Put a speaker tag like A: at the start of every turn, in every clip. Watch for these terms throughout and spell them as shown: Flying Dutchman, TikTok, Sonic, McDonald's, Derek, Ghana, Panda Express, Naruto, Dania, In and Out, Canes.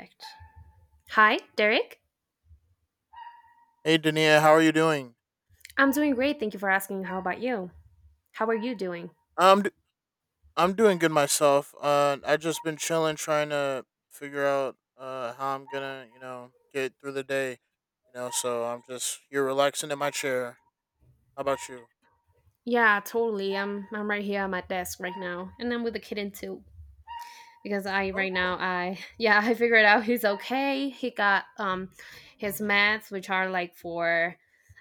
A: Perfect. Hi, Derek.
B: Hey, Dania, how are you doing?
A: I'm doing great. Thank you for asking. How about you? How are you doing?
B: I'm d- I'm doing good myself. I just been chilling, trying to figure out how I'm gonna get through the day. So I'm just here relaxing in my chair. How about you?
A: Yeah, totally. I'm right here at my desk right now, and I'm with the kitten too. Because I right now
B: Okay.
A: I yeah, I figured out he's okay. He got his meds, which are like for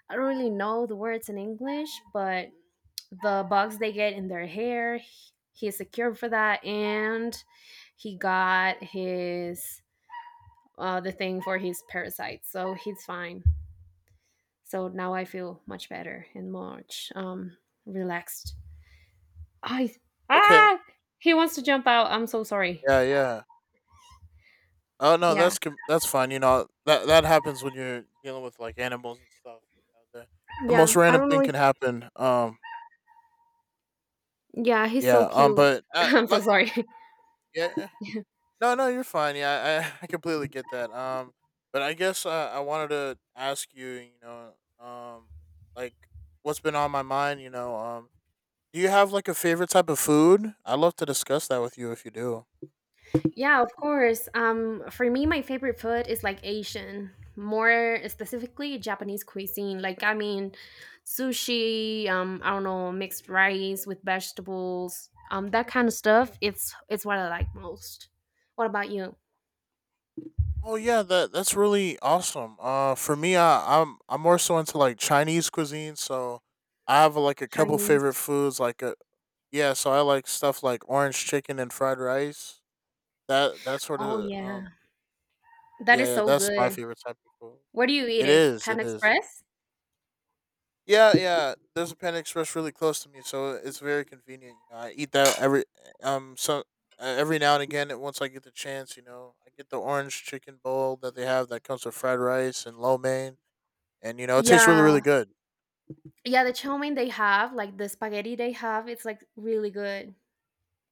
A: I don't really know the words in English, but the bugs they get in their hair. He's secure for that, and he got his the thing for his parasites, so he's fine. So now I feel much better and much relaxed. I
B: Okay.
A: ah He wants to jump out. I'm so sorry.
B: Yeah. Yeah. Oh no,
A: Yeah.
B: that's fine. You know that happens when you're dealing with like animals and stuff. you know, the, the most
A: Yeah. I
B: random
A: don't
B: thing
A: know if
B: can happen.
A: Yeah, he's
B: Yeah.
A: so cute.
B: But
A: I'm so
B: like
A: sorry.
B: yeah. No, no, you're fine. Yeah, I, I completely get that. But I guess I wanted to ask you, you know, um, like what's been on my mind. Do you have like a favorite type of food? I'd love to discuss that with you if you do.
A: Yeah, of course. For me, my favorite food is like Asian, more specifically Japanese cuisine. Like, I mean, sushi. I don't know, mixed rice with vegetables. That kind of stuff. It's what I like most. What about you?
B: Oh yeah, that's really awesome. For me, I'm more so into like Chinese cuisine, so I have like a couple favorite
A: Chinese.
B: foods. Yeah, so I like stuff like orange chicken and fried rice. That that sort
A: Oh
B: of
A: yeah, that
B: Yeah,
A: is so
B: that's my
A: good.
B: favorite type of food.
A: Where do you eat
B: It
A: it?
B: is, it
A: Panda
B: is.
A: Express?
B: Yeah, yeah. There's a Panda Express really close to me, so it's very convenient. You know, I eat that um so every now and again. And Once I get the chance, you know, I get the orange chicken bowl that they have that comes with fried rice and lo mein, and you know it tastes really really
A: Yeah,
B: good.
A: yeah. The chow mein they have, like the spaghetti they have, it's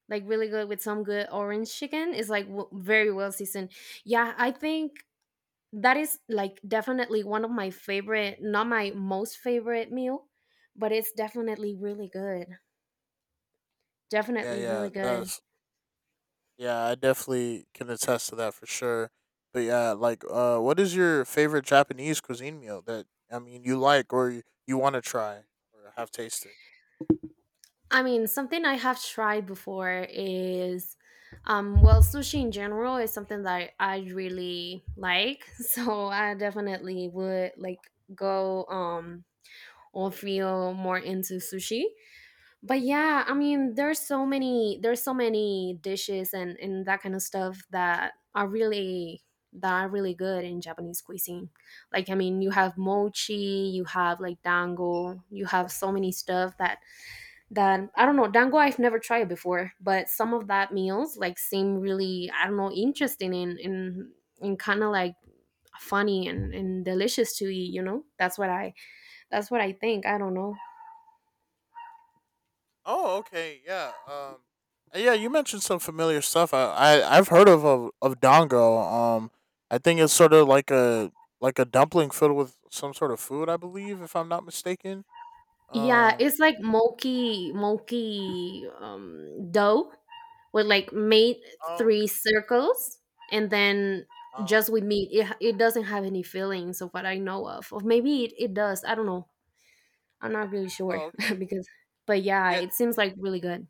A: like really good with some good orange chicken. It's like very well seasoned. Yeah, I think that is like definitely one of my favorite, not my most favorite meal, but it's definitely really good.
B: Mm, yeah,
A: Definitely
B: yeah,
A: really good.
B: that's yeah. I definitely can attest to that for sure. But yeah, like, what is your favorite Japanese cuisine meal that I mean you like, or you want to try or have tasted?
A: I mean, something I have tried before is, well, sushi in general is something that I really like. So I definitely would like go or feel more into sushi. But yeah, I mean, there's so many dishes and that kind of stuff that are really good in Japanese cuisine. Like I mean, you have mochi, you have like dango, you have so many stuff that that I don't know dango. I've never tried it before, but some of that meals like seem really I don't know interesting and kind of like funny and delicious to eat. You know, that's what I think. I don't know.
B: Oh, okay, yeah. Yeah, you mentioned some familiar stuff. I've heard of dongo. Um, I think it's sort of like a dumpling filled with some sort of food. I believe, if I'm not mistaken.
A: Yeah,
B: Um.
A: it's like mulky mulky dough with like made
B: Oh.
A: three circles and then
B: Oh.
A: just with meat. It doesn't have any fillings of what I know of. Or maybe it does. I don't know. I'm not really sure
B: Oh. Okay.
A: because. But yeah,
B: Yeah.
A: it seems like really good.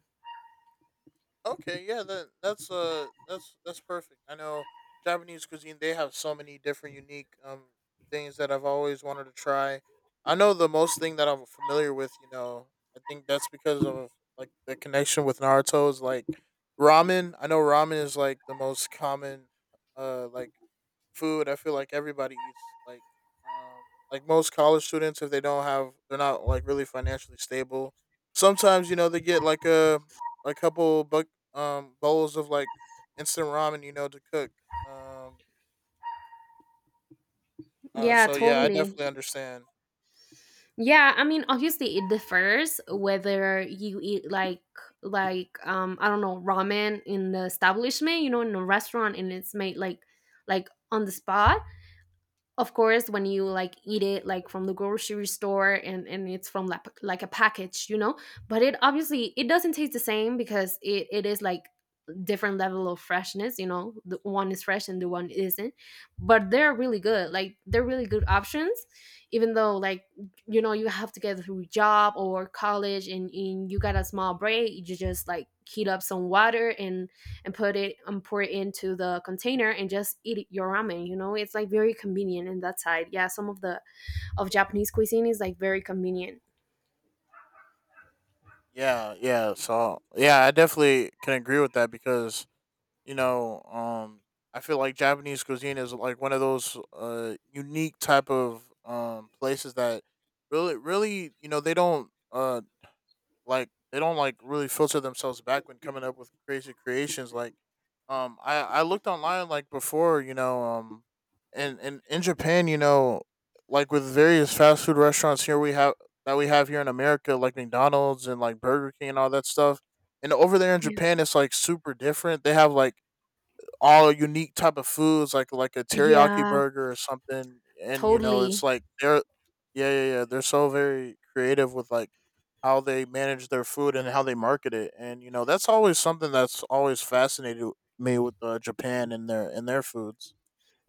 B: Okay, yeah, that's perfect. I know Japanese cuisine; they have so many different unique things that I've always wanted to try. I know the most thing that I'm familiar with, you know, I think that's because of like the connection with Naruto is like ramen. I know ramen is like the most common, uh, like food. I feel like everybody eats um, like most college students if they don't have they're not like really financially stable. Sometimes you know they get like a couple buck bowls of like instant ramen you know to cook. Um.
A: Yeah,
B: So yeah, I
A: totally.
B: definitely understand.
A: Yeah, I mean, obviously it differs whether you eat like like I don't know ramen in the establishment, you know, in a restaurant, and it's made like on the spot, of course, when you like eat it like from the grocery store and it's from like a package, you know. But it obviously it doesn't taste the same because it is like different level of freshness, you know, the one is fresh and the one isn't, but they're really good, like they're really good options, even though like you know you have to get through job or college, and you got a small break, you just like heat up some water and put it and pour it into the container and just eat your ramen, you know, it's like very convenient in that side. Yeah, some of the of Japanese cuisine is like very convenient.
B: Yeah. Yeah. So yeah, I definitely can agree with that because you know, I feel like Japanese cuisine is like one of those unique type of places that really, really, you know, they don't like they don't like really filter themselves back when coming up with crazy creations. Like, I looked online like before, and in Japan, you know, like with various fast food restaurants here we have that we have here in America, like McDonald's and like Burger King and all that stuff. And over there in
A: Yeah.
B: Japan, it's like super different. They have like all unique type of foods like a teriyaki
A: Yeah,
B: burger or something, and you know it's
A: totally.
B: like they're yeah, yeah, they're so very creative with like how they manage their food and how they market it, and you know that's always something that's always fascinated me with Japan and their foods.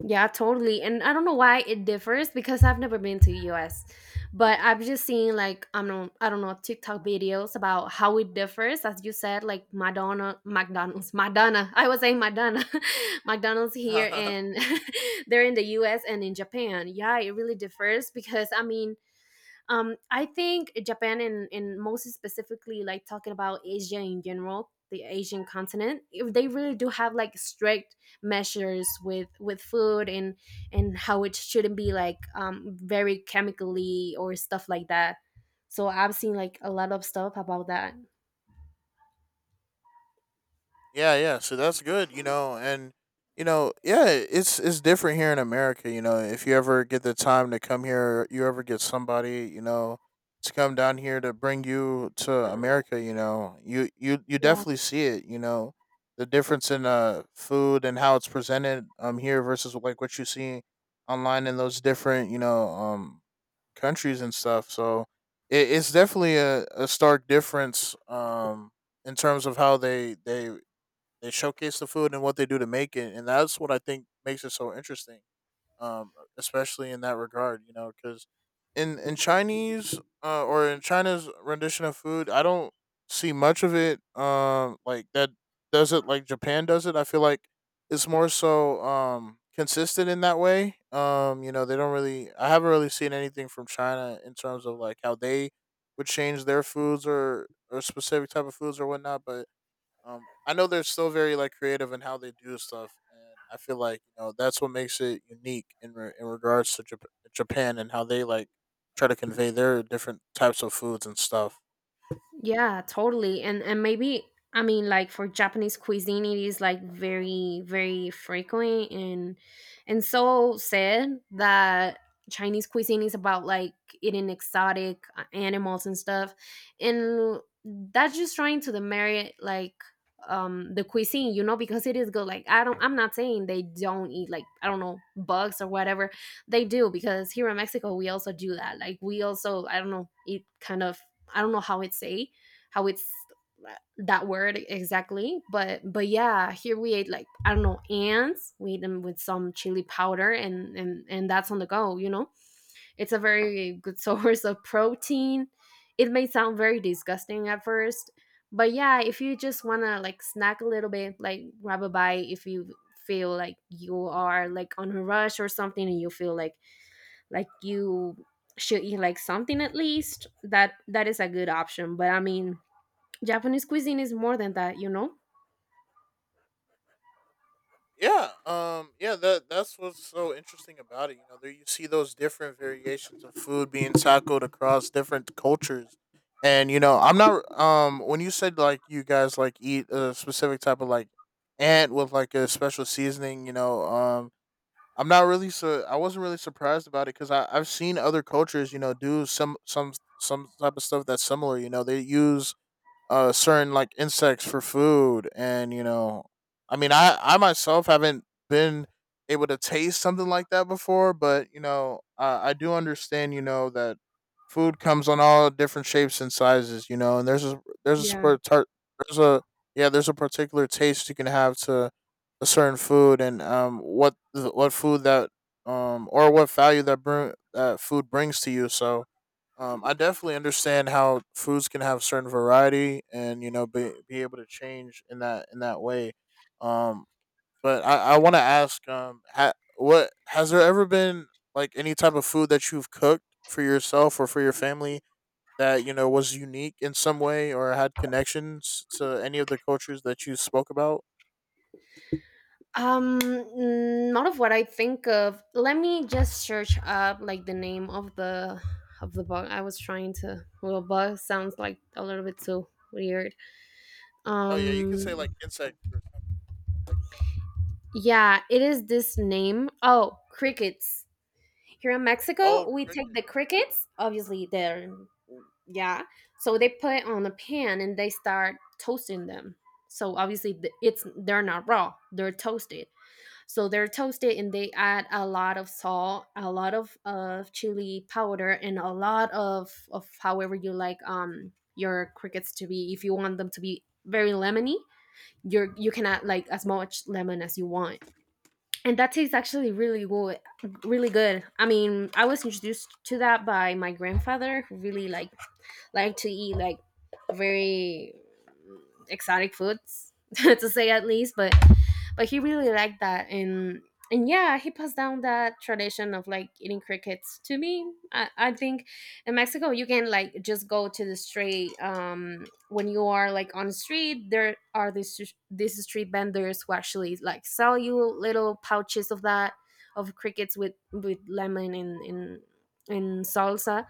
A: Yeah, totally. And I don't know why it differs because I've never been to US. But I've just seen like I don't know TikTok videos about how it differs as you said like Madonna McDonald's Madonna. I was saying Madonna. McDonald's here and they're in the US and in Japan. Yeah, it really differs because I mean I think Japan and most specifically like talking about Asia in general, the Asian continent, if they really do have like strict measures with food and how it shouldn't be like very chemically or stuff like that. So I've seen like a lot of stuff about that.
B: Yeah, yeah. So that's good, you know, and you know, yeah, it's different here in America, you know. If you ever get the time to come here, you ever get somebody, you know, to come down here to bring you to America, you know, you
A: Yeah.
B: definitely see it, you know, the difference in food and how it's presented here versus like what you see online in those different, countries and stuff. So it, it's definitely a stark difference in terms of how they showcase the food and what they do to make it, and that's what I think makes it so interesting. Um, especially in that regard, you know, because in Chinese or in China's rendition of food, I don't see much of it. Like that does it like Japan does it. I feel like it's more so consistent in that way. You know, they don't really. I haven't really seen anything from China in terms of like how they would change their foods or specific type of foods or whatnot, but I know they're still very like creative in how they do stuff, and I feel like you know that's what makes it unique in regards to Japan and how they like try to convey their different types of foods and stuff.
A: Yeah, totally. And maybe I mean like for Japanese cuisine it is like very, very frequent, and so sad that Chinese cuisine is about like eating exotic animals and stuff. And that's just trying to demerit like the cuisine, you know, because it is good. Like I don't I'm not saying they don't eat like I don't know bugs or whatever. They do because here in Mexico we also do that. Like we also I don't know eat kind of I don't know how it's say how it's that word exactly, but yeah here we ate like I don't know ants, we ate them with some chili powder and that's on the go, you know. It's a very good source of protein. It may sound very disgusting at first, but yeah, if you just want to like snack a little bit, like grab a bite, if you feel like you are like on a rush or something and you feel like you should eat like something at least, that that is a good option. But I mean Japanese cuisine is more than that, you know.
B: Yeah, yeah, that that's what's so interesting about it. You know, there you see those different variations of food being tackled across different cultures, and you know, I'm not when you said like you guys like eat a specific type of like ant with like a special seasoning, I'm not really so I wasn't really surprised about it because I've seen other cultures, you know, do some some type of stuff that's similar. You know, they use certain like insects for food, and you know I mean I myself haven't been able to taste something like that before, but you know I do understand you know that food comes on all different shapes and sizes, you know, and there's a
A: Yeah.
B: spur- tar- there's a yeah there's a particular taste you can have to a certain food, and what food that or what value that food brings to you. So I definitely understand how foods can have certain variety, and you know be able to change in that way. Um, but I want to ask what has there ever been like any type of food that you've cooked for yourself or for your family that you know was unique in some way or had connections to any of the cultures that you spoke about?
A: Not of what I think of. Let me just search up like the name of the bug I was trying to, well, bug sounds like a little bit too weird.
B: Oh yeah, you could
A: um
B: say like insect or something.
A: yeah, it is this name. Oh, crickets. Here in
B: Oh,
A: Mexico we take
B: cricket.
A: the crickets, obviously they're yeah. So they put it on a pan and they start toasting them. So obviously it's they're not raw, they're toasted. So they're toasted and they add a lot of salt, a lot of chili powder and a lot of however you like your crickets to be. If you want them to be very lemony, you're you can add like as much lemon as you want, and that tastes actually really good. Really good. I mean, I was introduced to that by my grandfather who really like liked to eat like very exotic foods to say at least, but he really liked that, and yeah, he passed down that tradition of like eating crickets to me. I think in Mexico you can like just go to the straight when you are like on the street, there are these street vendors who actually like sell you little pouches of that, of crickets with lemon and in salsa.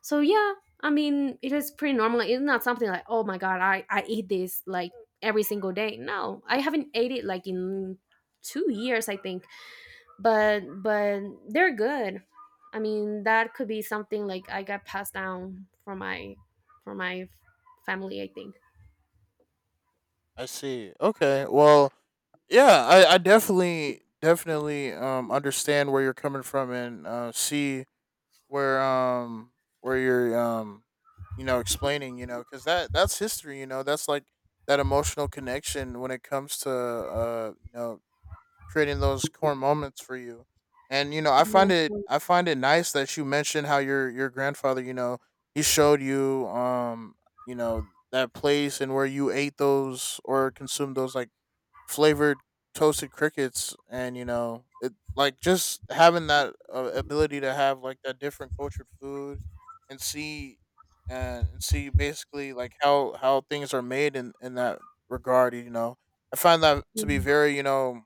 A: So yeah, I mean it is pretty normal, it's not something like oh my god I eat this like every single day. No, I haven't ate it like in 2 years, I think. But they're good. I mean, that could be something like I got passed down from my family, I think.
B: I see. Okay. Well, yeah I definitely definitely understand where you're coming from, and see where um where you know explaining, you know, because that that's history, you know, that's like that emotional connection when it comes to you know creating those core moments for you, and you know
A: Yes. Yes,
B: I find it nice that you mentioned how your grandfather you know he showed you you know that place and where you ate those or consumed those like flavored toasted crickets, and you know it like just having that ability to have like that different cultured food and see and see basically like how things are made in that regard, you know I find that to be
A: yes.
B: very you know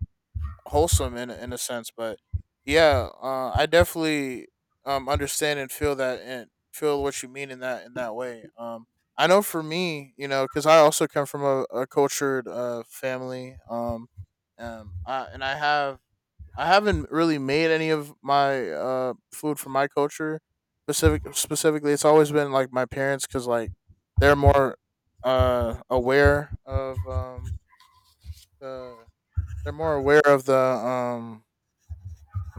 B: wholesome in a sense. But yeah, I definitely understand and feel that and feel what you mean in that way. I know for me, you know, because I also come from a cultured family. I have I haven't really made any of my food from my culture specifically. It's always been like my parents, because like they're more aware of the they're more aware of the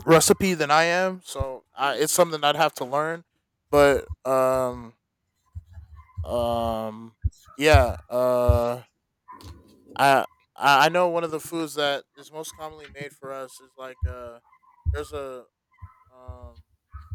B: recipe than I am, so I, it's something I'd have to learn. But um, yeah, I I I know one of the foods that is most commonly made for us is like there's um,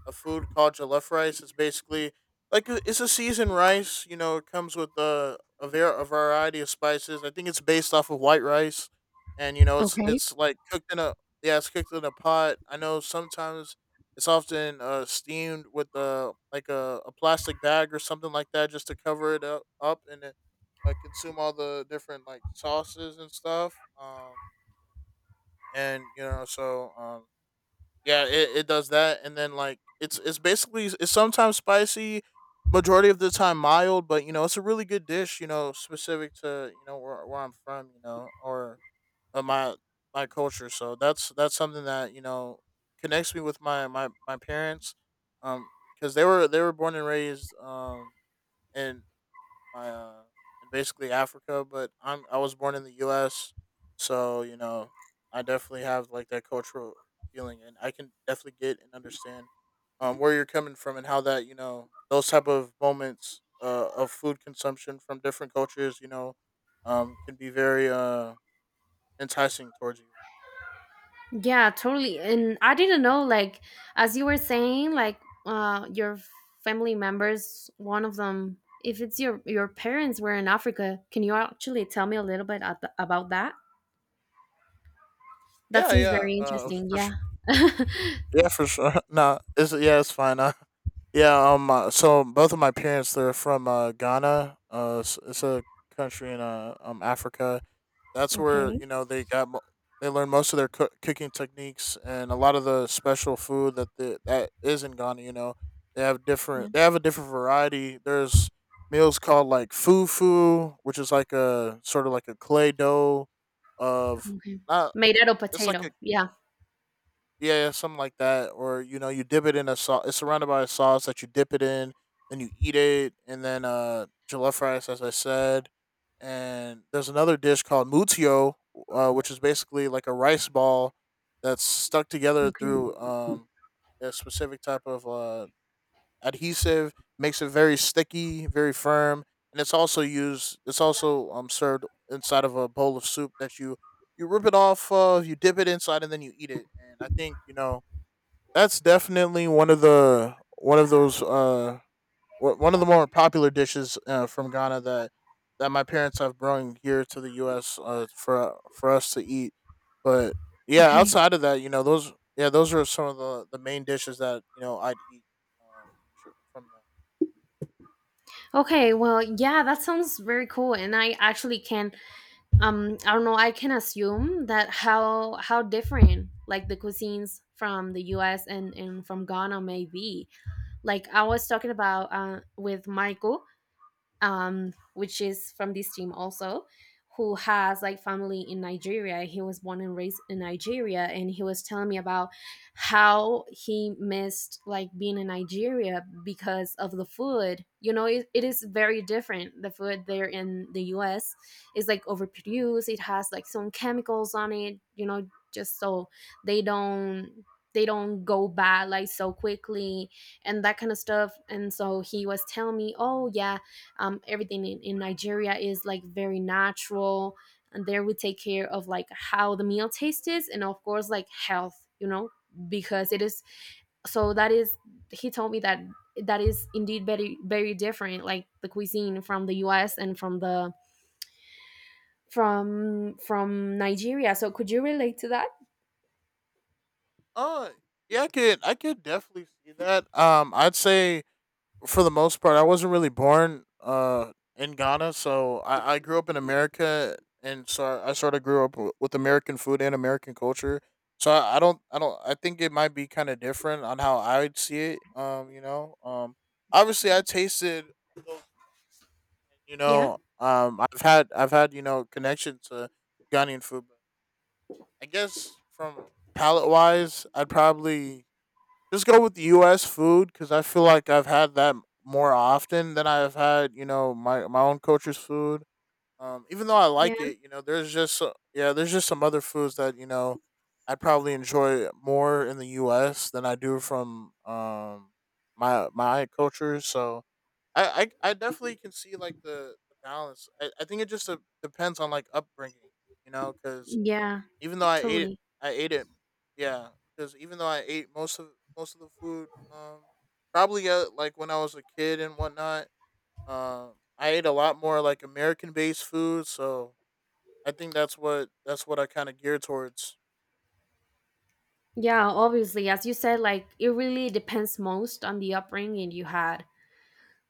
B: a food called jollof rice. It's basically it's a seasoned rice. You know, it comes with a variety of spices. I think it's based off of white rice, and you know,
A: Okay.
B: it's like cooked in a yeah, it's cooked in a pot. I know sometimes it's often steamed with a plastic bag or something like that just to cover it up, and it, consume all the different like sauces and stuff. And you know, so yeah, it does that, and then like it's basically it's sometimes spicy, majority of the time mild, but you know it's a really good dish. You know, specific to you know where I'm from, you know, or uh, my my culture. So that's something that connects me with my parents, um, because they were born and raised in my in basically Africa, but I was born in the U.S., so I definitely have like that cultural feeling, and I can definitely get and understand where you're coming from and how that those type of moments of food consumption from different cultures, you know, can be very enticing towards you.
A: Yeah, totally. And I didn't know, like, as you were saying, like, your family members, one of them, if it's your parents were in Africa, can you actually tell me a little bit about that? That
B: Yeah,
A: seems
B: yeah,
A: very interesting.
B: for
A: Yeah.
B: Yeah, for sure. No, it's yeah, it's fine. Yeah. So both of my parents, they're from Ghana. It's a country in Africa. That's where
A: Okay.
B: they learned most of their cooking techniques and a lot of the special food that that is in Ghana. You know,
A: Yeah.
B: They have a different variety. There's meals called like fufu, which is like a sort of like a clay dough of
A: Okay.
B: not.
A: Made
B: Like It's like a
A: potato. Yeah.
B: yeah, yeah, something like that. Or you know, you dip it in a sauce. It's surrounded by a sauce that you dip it in, then you eat it, and then jollof rice, as I said. And there's another dish called mutio, which is basically like a rice ball that's stuck together
A: Okay.
B: through a specific type of adhesive, makes it very sticky, very firm, and it's also used. it's also served inside of a bowl of soup that you rip it off of, you dip it inside, and then you eat it. And I think that's definitely one of those one of the more popular dishes from Ghana that my parents have brought here to the U.S. For us to eat. But yeah,
A: Okay.
B: outside of that, those are some of the main dishes that I'd eat um, sure, from them.
A: Okay. Well, yeah, that sounds very cool, and I actually can I don't know, I can assume that how different like the cuisines from the US and from Ghana may be. Like I was talking about with Michael, which is from this team also, who has like family in Nigeria. He was born and raised in Nigeria, and he was telling me about how he missed like being in Nigeria because of the food. You know, it is very different. The food there in the U.S. is like overproduced. It has like some chemicals on it. You know, just so they don't they don't go bad like so quickly and that kind of stuff. And so he was telling me oh yeah, everything in Nigeria is like very natural, and there we take care of like how the meal tastes and of course like health, you know, because it is, so that is he told me that that is indeed very, very different, like the cuisine from the US and from the from Nigeria. So could you relate to that?
B: Uh yeah, I could definitely see that. I'd say for the most part I wasn't really born in Ghana, so I grew up in America, and so I sort of grew up with American food and American culture. So I don't I think it might be kind of different on how I would see it. You know, obviously I tasted you
A: Yeah,
B: know, I've had, you know, connection to Ghanaian food, but I guess from palate wise, I'd probably just go with U.S. food because I feel like I've had that more often than I've had, you know, my own culture's food. Even though I
A: yeah,
B: like it, you know, yeah, there's just some other foods that I probably enjoy more in the U.S. than I do from my culture. So I definitely can see like the balance. I think it just depends on like upbringing, you know, because
A: yeah,
B: even though I ate it,
A: totally.
B: I ate it. Yeah, because even though I ate most of the food, probably like when I was a kid and whatnot, I ate a lot more like American based food. So I think that's what I kind of geared towards.
A: Yeah, obviously, as you said, like, it really depends most on the upbringing you had.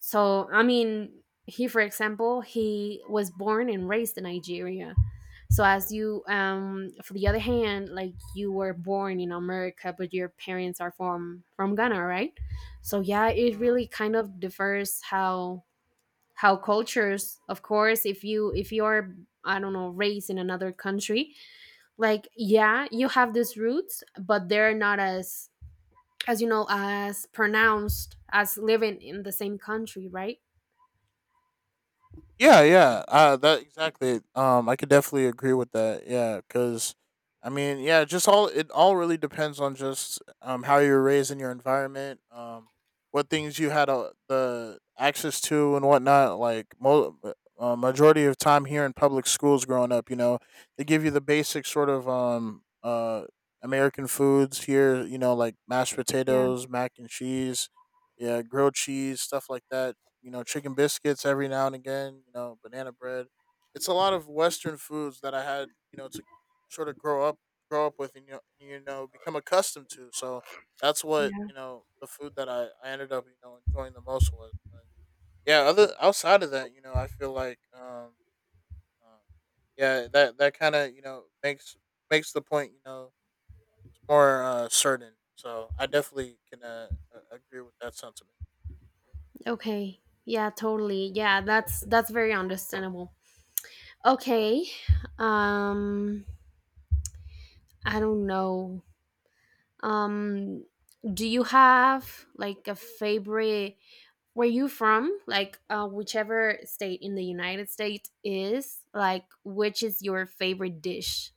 A: So, I mean, he, for example, he was born and raised in Nigeria. So, as you, for the other hand, like you were born in America, but your parents are from Ghana, right? So, yeah, it
B: Hmm.
A: really kind of differs how cultures. Of course, if you are I don't know raised in another country, like yeah, you have these roots, but they're not as as you know as pronounced as living in the same country, right?
B: Yeah, yeah, that exactly. I could definitely agree with that. Yeah, because I mean, yeah, just all it all really depends on just how you're raised in your environment, what things you had the access to and whatnot. Majority of time here in public schools growing up, you know, they give you the basic sort of American foods here, you know, like mashed
A: Yeah.
B: potatoes, mac and cheese, yeah, grilled cheese, stuff like that, you know, chicken biscuits every now and again, you know, banana bread. It's a lot of Western foods that I had, you know, to sort of grow up, grow up with, and you know become accustomed to. So that's what, you know, the food that I ended up, you know, enjoying the most was. But yeah, other outside of that, you know, I feel like, um yeah, that kind of you know makes the point, you know, more certain. So I definitely can agree with that sentiment.
A: Okay. Yeah, totally. Yeah, that's very understandable. Okay. Um I don't know. Um do you have like a favorite where you from? Like whichever state in the United States is, like which is your favorite dish?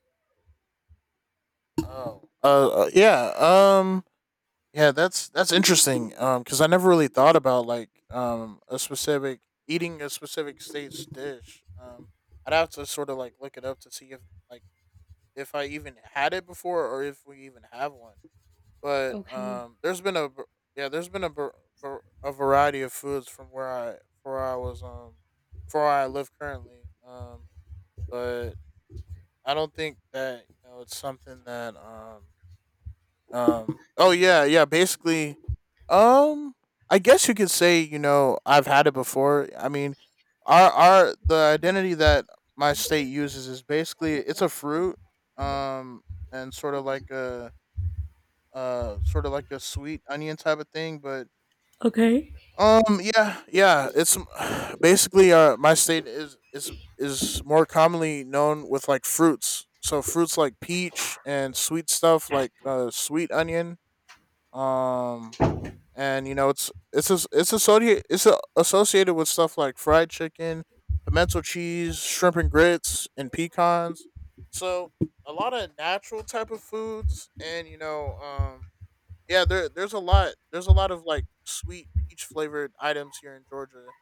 B: Oh, yeah. Yeah, that's interesting. Because I never really thought about like a specific state's dish. I'd have to sort of like look it up to see like if I even had it before or if we even have one. But
A: Okay.
B: there's been v- a variety of foods from where I was for where I live currently. But I don't think that you know it's something that oh yeah yeah basically um, I guess you could say, you know, I've had it before. I mean, our the identity that my state uses is basically it's a fruit, um, and sort of like a sweet onion type of thing, but
A: Okay.
B: yeah, yeah, it's basically my state is more commonly known with like fruits. So fruits like peach and sweet stuff like sweet onion, um and you know it's as- it's associated it's a, associated with stuff like fried chicken, pimento cheese, shrimp and grits, and pecans. So a lot of natural type of foods, and you know, yeah, there's a lot of like sweet peach flavored items here in Georgia.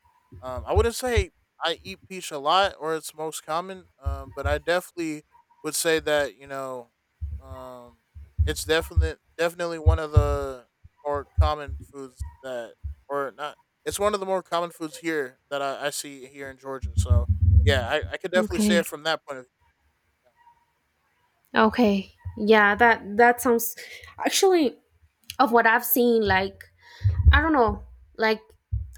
B: I wouldn't say I eat peach a lot or it's most common, but I definitely would say that you know, um, it's definitely one of the more common foods that or not. It's one of the more common foods here that I see here in Georgia. So yeah, I could definitely say
A: Okay.
B: it from that point of.
A: Okay. Yeah, that sounds actually of what I've seen like I don't know. Like,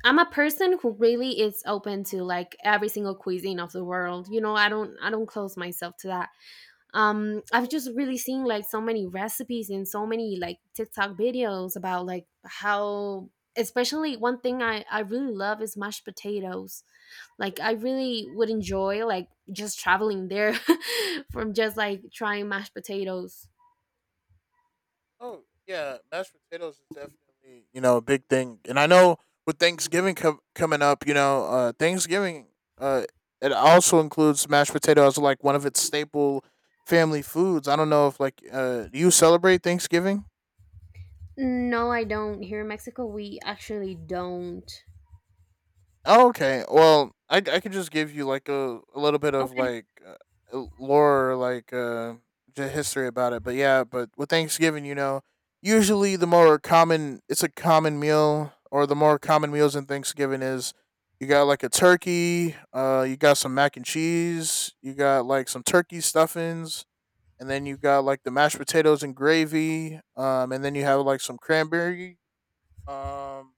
A: I'm a person who really is open to like every single cuisine of the world. You know, I don't close myself to that. I've just really seen like so many recipes and so many like TikTok videos about like how especially one thing I really love is mashed potatoes, like I really would enjoy like just traveling there from just like trying mashed potatoes.
B: Oh yeah, mashed potatoes is definitely you know a big thing, and I know with Thanksgiving coming up, you know, Thanksgiving uh, it also includes mashed potatoes as like one of its staple family foods. I don't know if like do you celebrate Thanksgiving?
A: No, I don't. Here in Mexico we actually don't.
B: Oh, okay. Well, I could just give you like a little bit of
A: Okay.
B: like lore, like the history about it. But yeah, but with Thanksgiving, you know, usually the more common it's a common meal, or the more common meals in Thanksgiving is you got like a turkey, you got some mac and cheese, you got like some turkey stuffings, and then you got like the mashed potatoes and gravy, and then you have like some um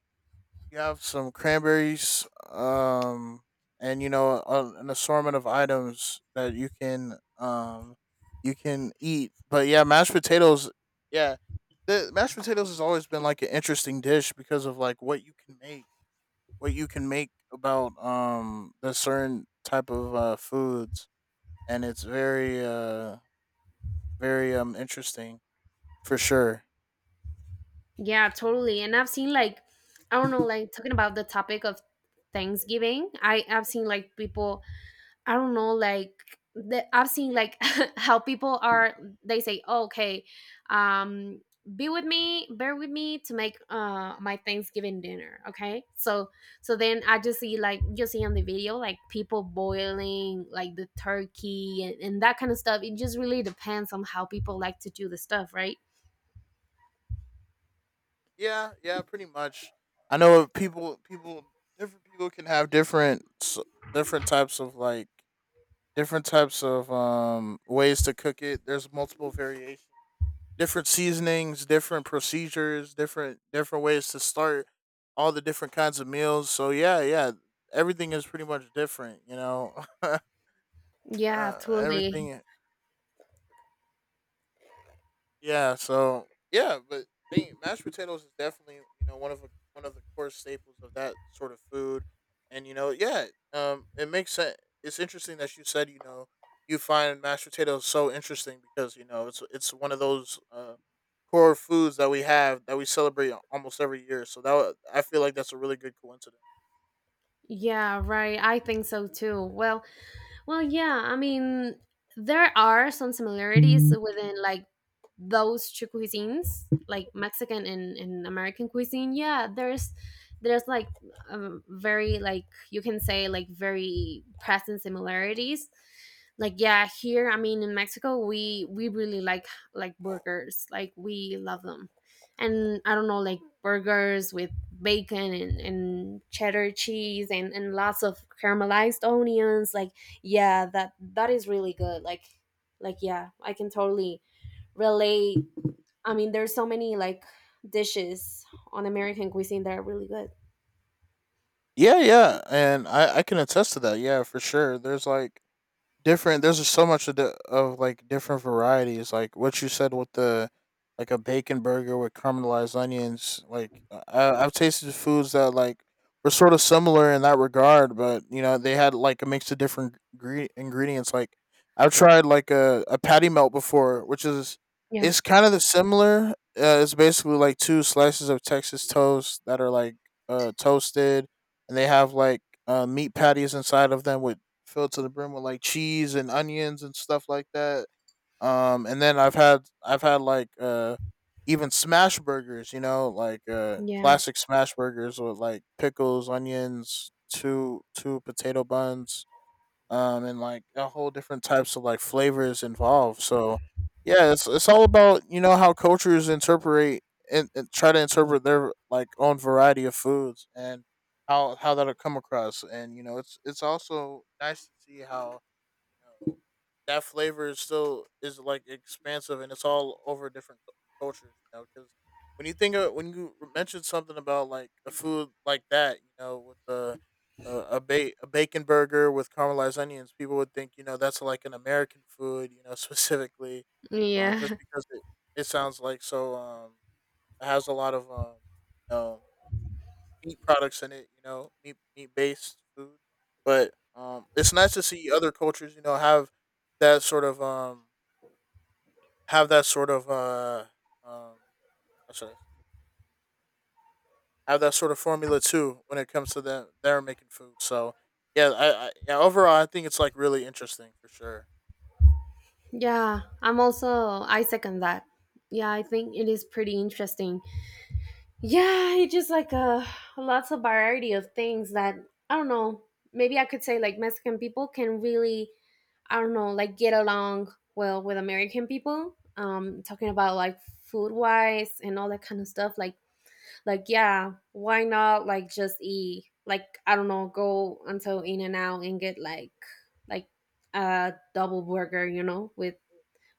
B: you have some cranberries, and you know an assortment of items that you can eat. But yeah, mashed potatoes. Yeah, the mashed potatoes has always been like an interesting dish because of like what you can make, what you can make about the certain type of foods, and it's very very interesting for sure.
A: Yeah, totally. And I've seen like I don't know, like talking about the topic of Thanksgiving, I've seen like people I don't know, like I've seen like how people are, they say, "Oh, okay, um be with me, bear with me to make my Thanksgiving dinner, okay?" So so then I just see like you see on the video like people boiling like the turkey and that kind of stuff. It just really depends on how people like to do the stuff, right?
B: Yeah, yeah, pretty much. I know people, different people can have different types of different types of ways to cook it. There's multiple variations, different seasonings, different procedures, different ways to start all the different kinds of meals. So yeah, yeah, everything is pretty much different. You know,
A: Yeah, totally.
B: everything Yeah. So yeah, but mashed potatoes is definitely you know one of the core staples of that sort of food, and you know yeah, it makes sense. It's interesting that you said you know you find mashed potatoes so interesting because you know it's one of those core foods that we have that we celebrate almost every year. So I feel like that's a really good coincidence.
A: Yeah, right. I think so too. Well, well, yeah, I mean, there are some similarities within like those two cuisines, like Mexican and American cuisine. Yeah, there's like very like you can say like very present similarities. Like yeah, here I mean in Mexico we really like burgers. Like we love them. And I don't know like burgers with bacon and cheddar cheese and lots of caramelized onions, like yeah, that is really good, like yeah, I can totally relate. I mean there's so many like dishes on American cuisine that are really good.
B: Yeah, yeah, and I can attest to that. Yeah, for sure. There's like different. There's just so much of, of like different varieties. Like what you said with the like a bacon burger with caramelized onions. Like I've tasted foods that like were sort of similar in that regard, but you know they had like a mix of different ingredients. Like I've tried like a patty melt before, which is
A: Yeah,
B: it's kind of the similar. It's basically like 2 slices of Texas toast that are like toasted, and they have like meat patties inside of them with filled to the brim with like cheese and onions and stuff like that. And then I've had like even smash burgers, you know, like
A: yeah,
B: classic smash burgers with like pickles, onions, two potato buns, and like a whole different types of like flavors involved. So yeah, it's all about you know how cultures interpret and try to interpret their like own variety of foods and how that'll come across. And you know, it's also nice to see how you know that flavor is like expansive and it's all over different cultures. You know, because when you mentioned something about like a food like that, you know, with the a bacon burger with caramelized onions, people would think you know that's like an American food, you know, specifically, just
A: yeah.
B: because it sounds like so it has a lot of um meat products in it, you know, meat based food, but it's nice to see other cultures, you know, have that sort of have that sort of um how should I have that sort of formula too when it comes to them they're making food. So yeah, I overall I think it's like really interesting for sure.
A: Yeah, I'm also, I second that. Yeah, I think it is pretty interesting. Yeah, it's just like a lots of variety of things that I don't know. Maybe I could say like Mexican people can really I don't know like get along well with American people. Talking about like food wise and all that kind of stuff. Like yeah, why not like just eat like I don't know, go until In and Out and get like a double burger, you know,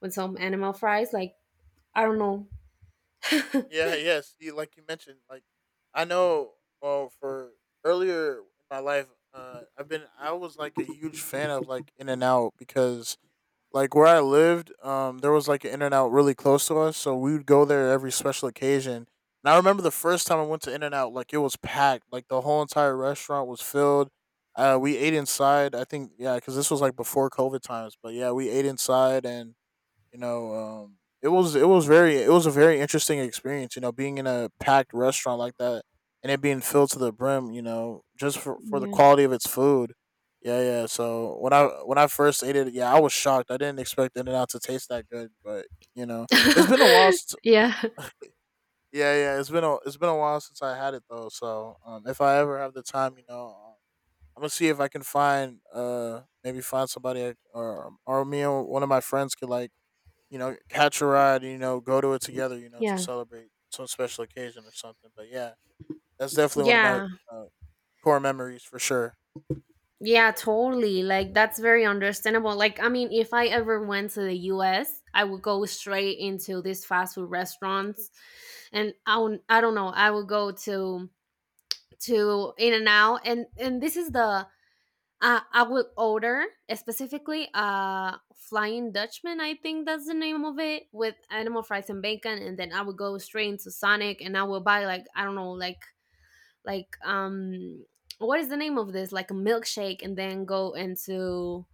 A: with some animal fries. Like I don't know.
B: Yeah, yes, you, like you mentioned, like I know. Well, for earlier in my life, I was like a huge fan of like In and Out. Because like where I lived, there was like an In and Out really close to us, so we would go there every special occasion. And I remember the first time I went to In and Out, like it was packed, like the whole entire restaurant was filled. We ate inside. I think yeah, because this was like before COVID times, but yeah, we ate inside and you know it was a very interesting experience you know being in a packed restaurant like that and it being filled to the brim, you know, just for the
A: Yeah.
B: quality of its food. Yeah, yeah. So when I first ate it, yeah, I was shocked, I didn't expect In and Out to taste that good. But you know, it's been a while since
A: Yeah.
B: yeah, yeah, it's been a while since I had it though. So if I ever have the time, you know, I'm gonna see if I can find maybe find somebody, or me or one of my friends, could like, you know, catch a ride, you know, go to it together, you know, to
A: Yeah.
B: celebrate some special occasion or something. But yeah, that's definitely one of my
A: Yeah.
B: uh, core memories for sure.
A: Yeah, totally. Like that's very understandable. Like I mean, if I ever went to the US, I would go straight into these fast food restaurants and I would, I don't know, I would go to In and Out and this is the I would order specifically Flying Dutchman, I think that's the name of it, with animal fries and bacon, and then I would go straight into Sonic and I would buy like I don't know, like what is the name of this, like a milkshake, and then go into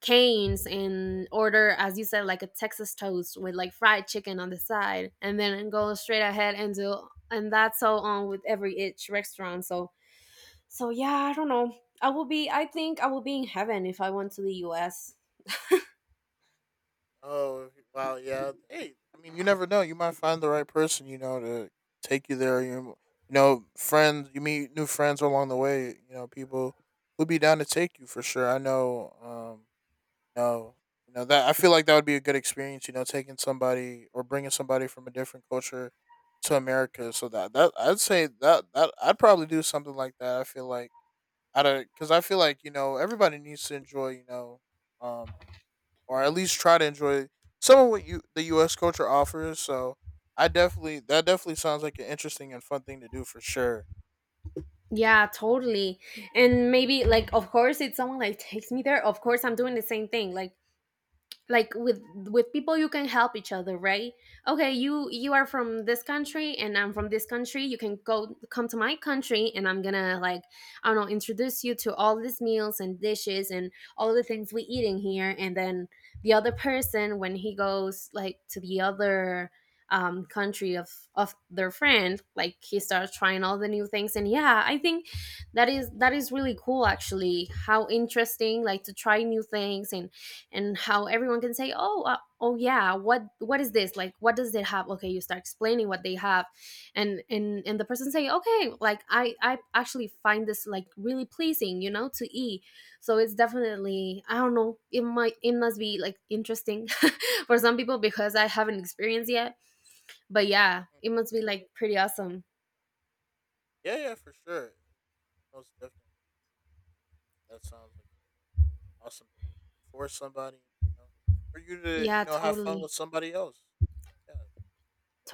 A: Canes and order, as you said, like a Texas toast with like fried chicken on the side and then go straight ahead and do, and that's so on with every each restaurant. So so yeah, I don't know, I will be, I think I will be in heaven if I went to the US.
B: Oh, wow. Yeah. Hey, I mean, you never know. You might find the right person, you know, to take you there. You know, friends, you meet new friends along the way, you know, people who'd be down to take you for sure. I know, um, no, you know that I feel like that would be a good experience. You know, taking somebody or bringing somebody from a different culture to America. So that I'd say that I'd probably do something like that. I feel like I don't, because I feel like you know everybody needs to enjoy, you know, um, or at least try to enjoy some of what you the U.S. culture offers. So I definitely that definitely sounds like an interesting and fun thing to do for sure.
A: Yeah, totally. And maybe like of course if someone like takes me there, of course I'm doing the same thing. Like with people you can help each other, right? Okay, you are from this country and I'm from this country. You can go, come to my country and I'm gonna like I don't know, introduce you to all these meals and dishes and all the things we eat in here, and then the other person when he goes like to the other country of their friend, like he starts trying all the new things, and yeah, I think that is really cool, actually. How interesting, like to try new things, and how everyone can say, "Oh, oh yeah, what is this, like what does it have?" Okay, you start explaining what they have, and and the person say, "Okay, like I actually find this like really pleasing, you know, to eat." So it's definitely, I don't know, it might, it must be like interesting for some people, because I haven't experienced yet, but yeah,
B: Mm,
A: it must be like pretty awesome.
B: yeah, yeah, for sure. Most definitely, that sounds like awesome. For somebody, you know, for you to, you
A: Yeah,
B: know, have fun with
A: totally,
B: somebody else. Yeah.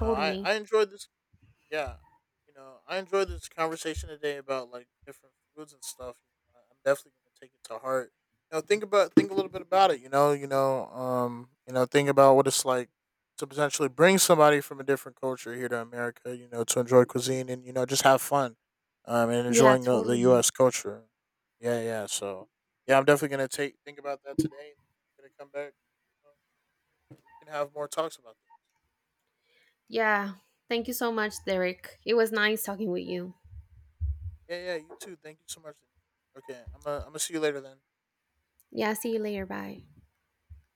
B: No, I enjoyed this, yeah, you know, I enjoyed this conversation today about like different foods and stuff. You know, I'm definitely gonna take it to heart. You know, think a little bit about it. You know, you know, you know, think about what it's like to potentially bring somebody from a different culture here to America. You know, to enjoy cuisine and you know just have fun, and
A: Yeah,
B: enjoying the
A: totally.
B: U.S. culture. Yeah, yeah. So yeah, I'm definitely gonna take think about that today. Gonna come back. You know, we can have more talks about this.
A: Yeah, thank you so much, Derek, it was nice talking with you.
B: Yeah, yeah, you too. Thank you so much. Okay, I'm gonna see you later then.
A: Yeah, see you later. Bye.